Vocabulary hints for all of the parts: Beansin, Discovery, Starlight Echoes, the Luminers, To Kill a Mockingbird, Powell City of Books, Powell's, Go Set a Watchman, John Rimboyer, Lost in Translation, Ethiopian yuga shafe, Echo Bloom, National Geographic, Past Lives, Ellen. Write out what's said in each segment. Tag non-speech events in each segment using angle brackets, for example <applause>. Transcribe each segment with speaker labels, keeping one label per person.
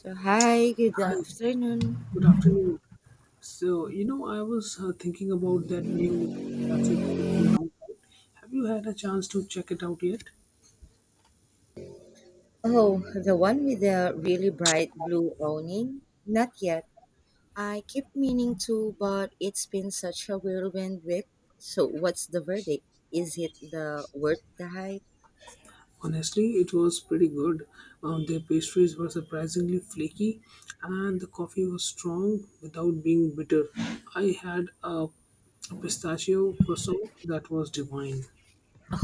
Speaker 1: So hi, good
Speaker 2: Hi,
Speaker 1: afternoon.
Speaker 2: good afternoon. So, you know, I was thinking about that new cafe that opened downtown. Have you had a chance to check it out yet?
Speaker 1: Oh, the one with the really bright blue awning? Not yet. I keep meaning to, but it's been such a whirlwind week. So what's the verdict? Is it the worth the hype?
Speaker 2: Honestly, it was pretty good. Their pastries were surprisingly flaky, and the coffee was strong without being bitter. I had a pistachio croissant that was divine.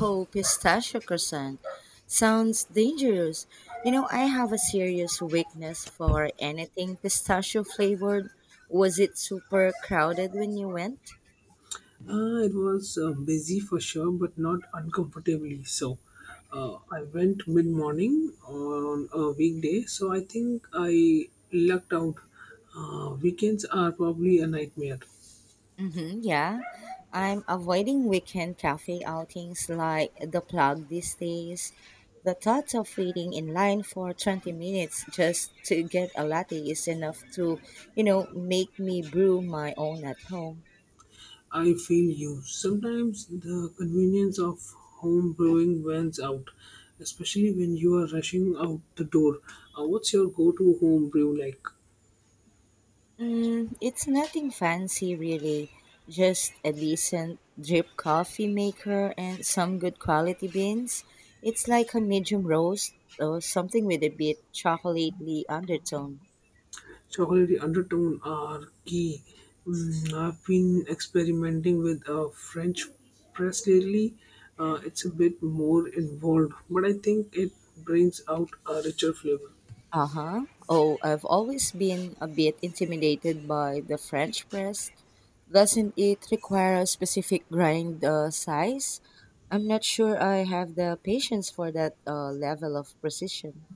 Speaker 1: Oh, pistachio croissant. Sounds dangerous. You know, I have a serious weakness for anything pistachio flavored. Was it super crowded when you went?
Speaker 2: It was busy for sure, but not uncomfortably so. I went mid morning on a weekday, so I think I lucked out. Weekends are probably a nightmare.
Speaker 1: Mm-hmm, yeah. I'm avoiding weekend cafe outings like the plug these days. The thought of waiting in line for 20 minutes just to get a latte is enough to make me brew my own at home.
Speaker 2: I feel you. Sometimes the convenience of home brewing wins out, especially when you are rushing out the door. What's your go to home brew like?
Speaker 1: It's nothing fancy really, just a decent drip coffee maker and some good quality beans. It's like a medium roast or something with a bit chocolatey undertone.
Speaker 2: Chocolatey undertone are key. I've been experimenting with a French press lately. It's a bit more involved, but I think it brings out a richer flavor.
Speaker 1: Uh huh. Oh, I've always been a bit intimidated by the French press. Doesn't it require a specific grind size? I'm not sure I have the patience for that level of precision.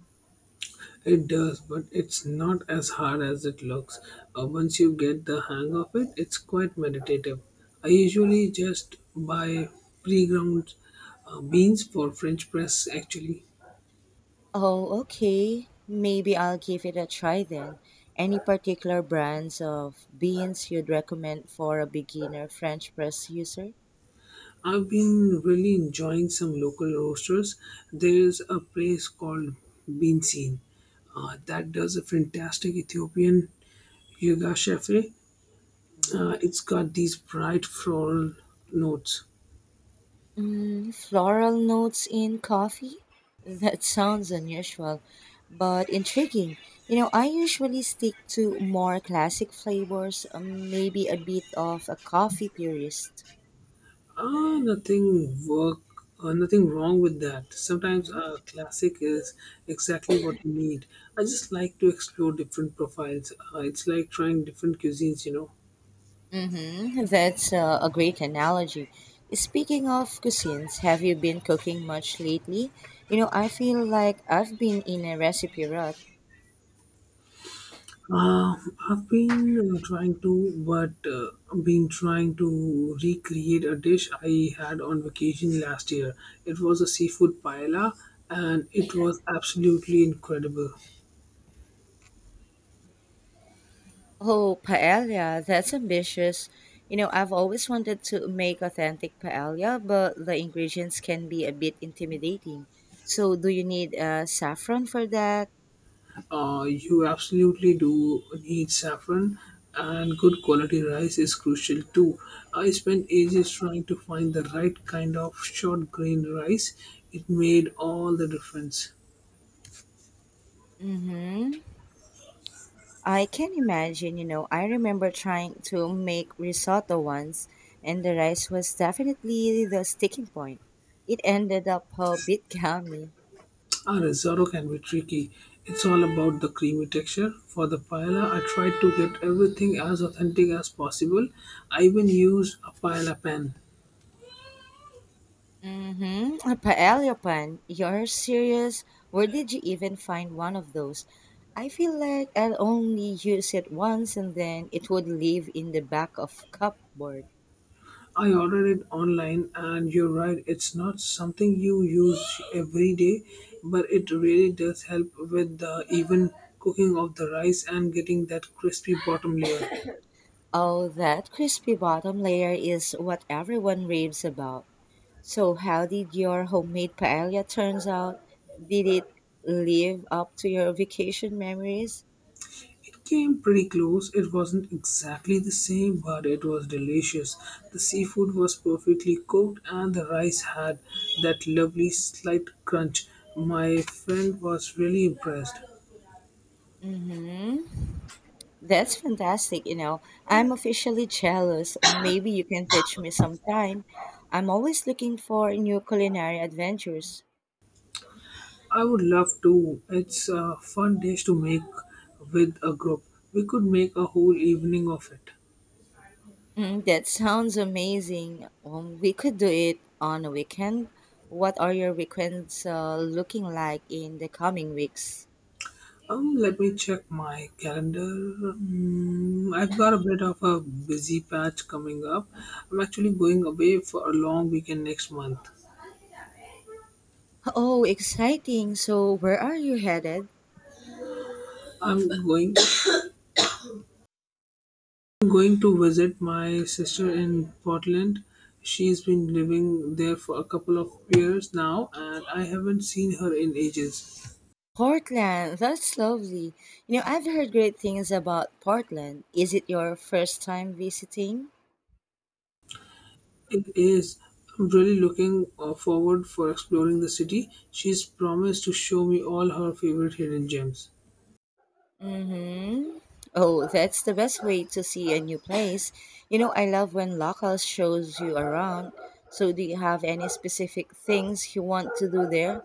Speaker 2: It does, but it's not as hard as it looks. Once you get the hang of it, it's quite meditative. I usually just buy pre ground beans for French press actually.
Speaker 1: Oh, okay. Maybe I'll give it a try then. Any particular brands of beans you'd recommend for a beginner French press user?
Speaker 2: I've been really enjoying some local roasters. There's a place called Beansin that does a fantastic Ethiopian yuga shafe.
Speaker 1: Mhm.
Speaker 2: It's got these bright floral notes.
Speaker 1: Mm, floral notes in coffee? <laughs> That sounds unusual, but intriguing. You know, I usually stick to more classic flavors, maybe a bit of a coffee purist.
Speaker 2: Ah, nothing wrong with that. Sometimes
Speaker 1: Mm-hmm.
Speaker 2: a classic is exactly what you need. I just like to explore different profiles. It's like trying different cuisines, you know.
Speaker 1: Mm-hmm. <laughs> That's a great analogy. Speaking of cuisines, have you been cooking much lately? You know, I feel like I've been in a recipe rut.
Speaker 2: Uh, I've been trying to recreate a dish I had on vacation last year. It was a seafood paella, and it was absolutely incredible.
Speaker 1: Oh, paella, that's ambitious. You know, I've always wanted to make authentic paella, but the ingredients can be a bit intimidating. So, do you need saffron for that?
Speaker 2: You absolutely do need saffron, and good quality rice is crucial too. I spent ages trying to find the right kind of short grain rice. It made all the difference.
Speaker 1: Mm-hmm. I can imagine, you know, I remember trying to make risotto once, and the rice was definitely the sticking point. It ended up a bit <laughs> gummy.
Speaker 2: Ah, risotto can be tricky. It's all about the creamy texture. For the paella, I tried to get everything as authentic as possible. I even used a paella pan.
Speaker 1: Mm-hmm. A paella pan. You're serious? Where did you even find one of those? I feel like I'll only use it once and then it would live in the back of cupboard.
Speaker 2: I ordered it online, and you're right, it's not something you use every day, but it really does help with the even cooking of the rice and getting that crispy bottom layer.
Speaker 1: Oh, that crispy bottom layer is what everyone raves about. So how did your homemade paella turns out? Did it live up to your vacation memories?
Speaker 2: It came pretty close. It wasn't exactly the same, but it was delicious. The seafood was perfectly cooked, and the rice had that lovely slight crunch. My friend was really impressed.
Speaker 1: Mm-hmm. That's fantastic, you know. I'm officially jealous. Maybe you can teach me sometime. I'm always looking for new culinary adventures.
Speaker 2: I would love to. It's a fun dish to make with a group. We could make a whole evening of it.
Speaker 1: Mm, that sounds amazing. We could do it on a weekend. What are your weekends looking like in the coming weeks?
Speaker 2: Let me check my calendar. I've got a bit of a busy patch coming up. I'm actually going away for a long weekend next month.
Speaker 1: Oh, exciting. So, where are you headed?
Speaker 2: I'm going I'm going to visit my sister in Portland. She's been living there for a couple of years now, and I haven't seen her in ages.
Speaker 1: Portland. That's lovely. You know, I've heard great things about Portland. Is it your first time visiting?
Speaker 2: It is. I'm really looking forward for exploring the city. She's promised to show me all her favorite hidden gems.
Speaker 1: Mm-hmm. Oh, that's the best way to see a new place. You know, I love when locals shows you around. So do you have any specific things you want to do there?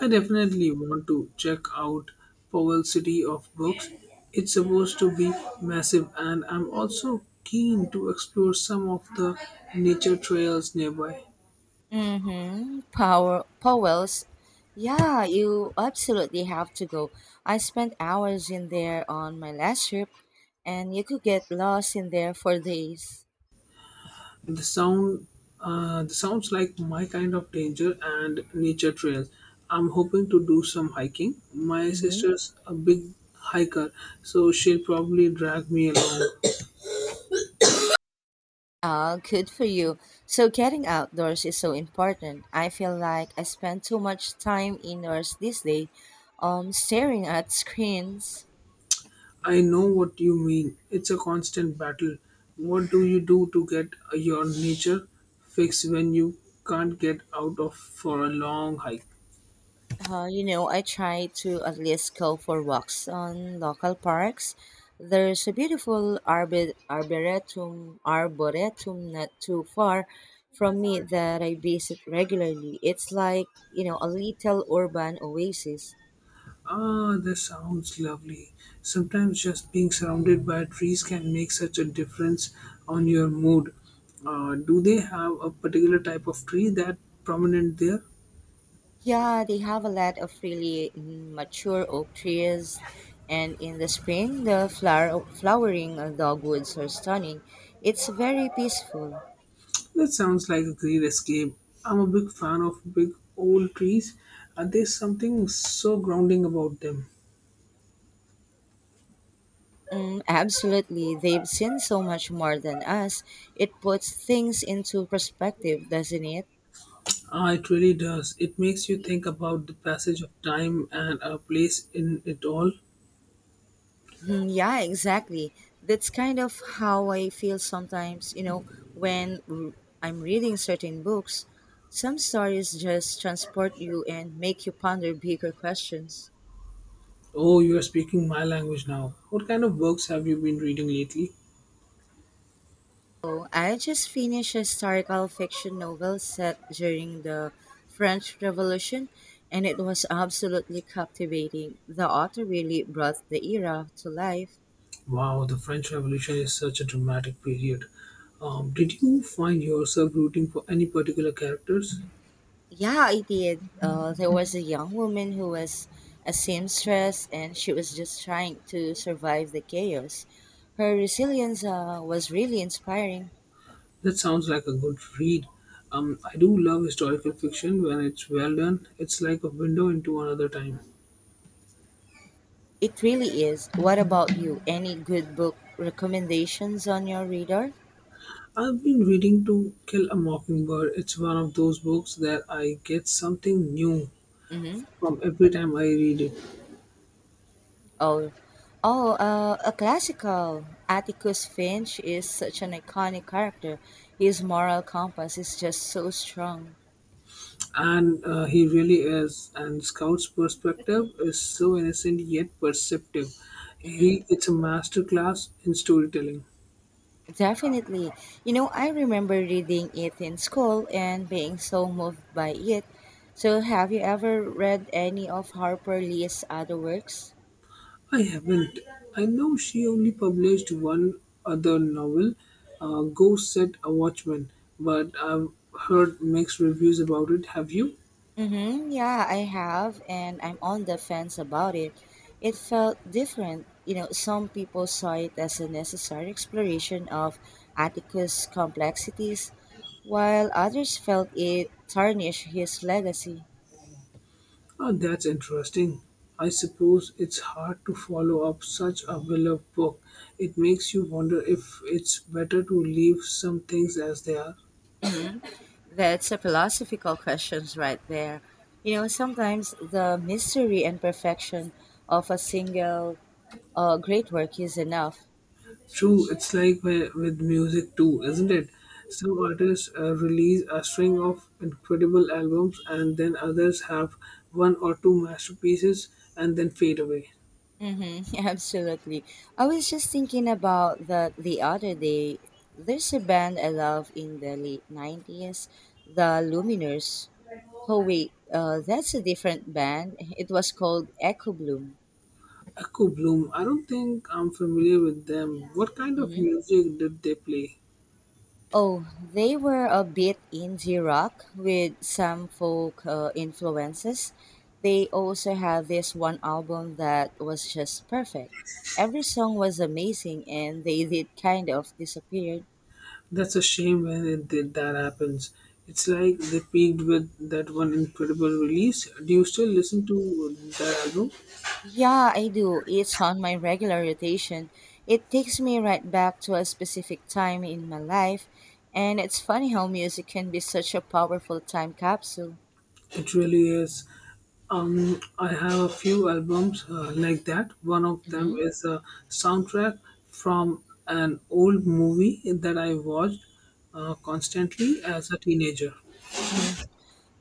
Speaker 2: I definitely want to check out Powell City of Books. It's supposed to be massive, and I'm also keen to explore some of the nature trails nearby.
Speaker 1: Mm-hmm. Power Powell's. Yeah, you absolutely have to go. I spent hours in there on my last trip and you could get lost in there for days.
Speaker 2: The sound the sounds like my kind of danger and nature trails. I'm hoping to do some hiking. My
Speaker 1: Mm-hmm.
Speaker 2: sister's a big hiker, so she'll probably drag me along.
Speaker 1: Ah, good for you. So getting outdoors is so important. I feel like I spend too much time indoors these days, staring at screens.
Speaker 2: I know what you mean. It's a constant battle. What do you do to get your nature fix when you can't get out of for a long hike?
Speaker 1: You know, I try to at least go for walks on local parks. There's a beautiful arboretum not too far from me that I visit regularly. It's like, you know, a little urban oasis.
Speaker 2: Ah, that sounds lovely. Sometimes just being surrounded by trees can make such a difference on your mood. Do they have a particular type of tree that prominent there?
Speaker 1: Yeah, they have a lot of really mature oak trees, and in the spring, the flowering dogwoods are stunning. It's very peaceful.
Speaker 2: That sounds like a great escape. I'm a big fan of big old trees. There's something so grounding about them.
Speaker 1: Mm, absolutely, they've seen so much more than us. It puts things into perspective, doesn't it?
Speaker 2: Ah, it really does. It makes you think about the passage of time and our place in it all.
Speaker 1: Mm, yeah, exactly. That's kind of how I feel sometimes, you know, when r- I'm reading certain books. Some stories just transport you and make you ponder bigger questions.
Speaker 2: Oh, you are speaking my language now. What kind of books have you been reading lately?
Speaker 1: Oh, I just finished a historical fiction novel set during the French Revolution, and it was absolutely captivating. The author really brought the era to life.
Speaker 2: Wow, the French Revolution is such a dramatic period. Did you find yourself rooting for any particular characters?
Speaker 1: Yeah, I did. There was a young woman who was a seamstress, and she was just trying to survive the chaos. Her resilience was really inspiring.
Speaker 2: That sounds like a good read. I do love historical fiction when it's well done. It's like a window into another time.
Speaker 1: It really is. What about you? Any good book recommendations on your radar?
Speaker 2: I've been reading To Kill a Mockingbird. It's one of those books that I get something new
Speaker 1: Mm-hmm.
Speaker 2: from every time I read it.
Speaker 1: Oh, oh, a classical. Atticus Finch is such an iconic character. His moral compass is just so strong.
Speaker 2: And he really is, and Scout's perspective is so innocent yet perceptive.
Speaker 1: Hmm.
Speaker 2: He it's a master class in storytelling.
Speaker 1: Definitely. You know, I remember reading it in school and being so moved by it. So, have you ever read any of Harper Lee's other works?
Speaker 2: I haven't. I know she only published one other novel, Ghost Set a Watchman, but I've heard mixed reviews about it. Have you?
Speaker 1: Mm-hmm. Yeah, I have, and I'm on the fence about it. It felt different. You know, some people saw it as a necessary exploration of Atticus' complexities, while others felt it tarnished his legacy.
Speaker 2: Oh, that's interesting. I suppose it's hard to follow up such a beloved book. It makes you wonder if it's better to leave some things as they are.
Speaker 1: That's a philosophical question right there. You know, sometimes the mystery and perfection of a single great work is enough.
Speaker 2: True, it's like with music too, isn't it? Some artists release a string of incredible albums, and then others have one or two masterpieces and then fade away.
Speaker 1: Mm-hmm, <laughs> absolutely. I was just thinking about that the other day. There's a band I love in the late 90s, the Luminers. Oh, wait, that's a different band. It was called Echo Bloom.
Speaker 2: Echo Bloom, I don't think I'm familiar with them. What kind of
Speaker 1: Mm-hmm.
Speaker 2: music did they play?
Speaker 1: Oh, they were a bit indie rock with some folk influences. They also had this one album that was just perfect. Every song was amazing, and they did kind of disappear.
Speaker 2: That's a shame when that happens. It's like they peaked with that one incredible release. Do you still listen to that album?
Speaker 1: Yeah, I do. It's on my regular rotation. It takes me right back to a specific time in my life, and it's funny how music can be such a powerful time capsule.
Speaker 2: It really is. I have a few albums like that. One of them
Speaker 1: Hmm.
Speaker 2: is a soundtrack from an old movie that I watched constantly as a teenager.
Speaker 1: Mm.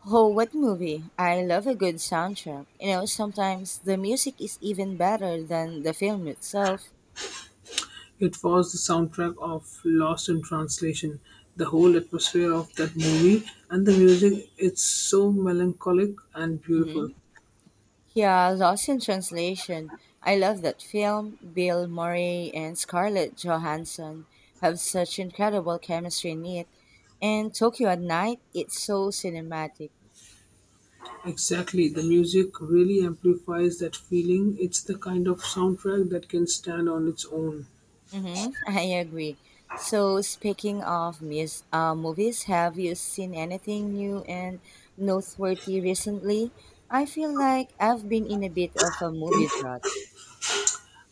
Speaker 1: Oh, what movie? I love a good soundtrack. You know, sometimes the music is even better than the film itself.
Speaker 2: It was the soundtrack of Lost in Translation. The whole atmosphere of that movie and the music, it's so melancholic and beautiful.
Speaker 1: Mhm. Yeah, Lost in Translation. I love that film. Bill Murray and Scarlett Johansson have such incredible chemistry in it. And Tokyo at Night, it's so cinematic.
Speaker 2: Exactly, the music really amplifies that feeling. It's the kind of soundtrack that can stand on its own.
Speaker 1: Mm-hmm, <laughs> I agree. So, speaking of movies, have you seen anything new and noteworthy recently? I feel like I've been in a bit of a movie drought.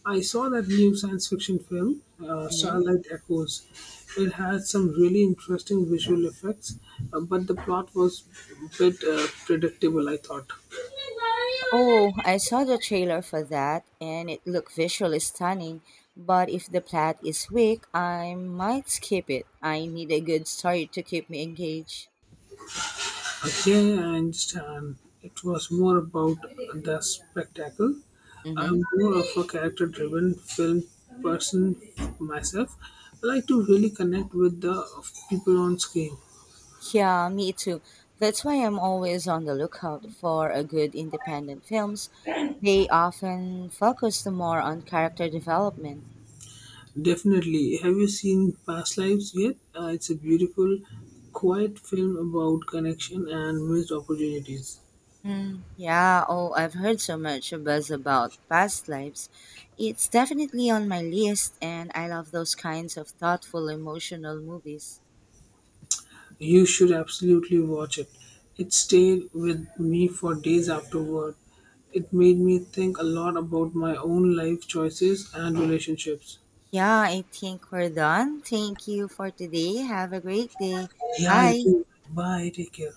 Speaker 2: I saw that new science fiction film,
Speaker 1: Mm-hmm.
Speaker 2: Starlight Echoes. It had some really interesting visual effects, but the plot was a bit predictable, I thought.
Speaker 1: Oh, I saw the trailer for that and it looked visually stunning, but if the plot is weak, I might skip it. I need a good story to keep me engaged.
Speaker 2: Okay, I understand. It was more about the spectacle.
Speaker 1: Hmm.
Speaker 2: I'm more of a character driven film person myself. I like to really connect with the people on screen.
Speaker 1: Yeah, me too. That's why I'm always on the lookout for a good independent films. They often focus more on character development.
Speaker 2: Definitely. Have you seen Past Lives yet? It's a beautiful, quiet film about connection and missed opportunities.
Speaker 1: Mm, yeah, oh, I've heard so much buzz about past lives. It's definitely on my list, and I love those kinds of thoughtful, emotional movies.
Speaker 2: You should absolutely watch it. It stayed with me for days afterward. It made me think a lot about my own life choices and relationships.
Speaker 1: Yeah, I think we're done. Thank you for today. Have a great day.
Speaker 2: Yeah, you
Speaker 1: Bye.
Speaker 2: too. Bye. Take care.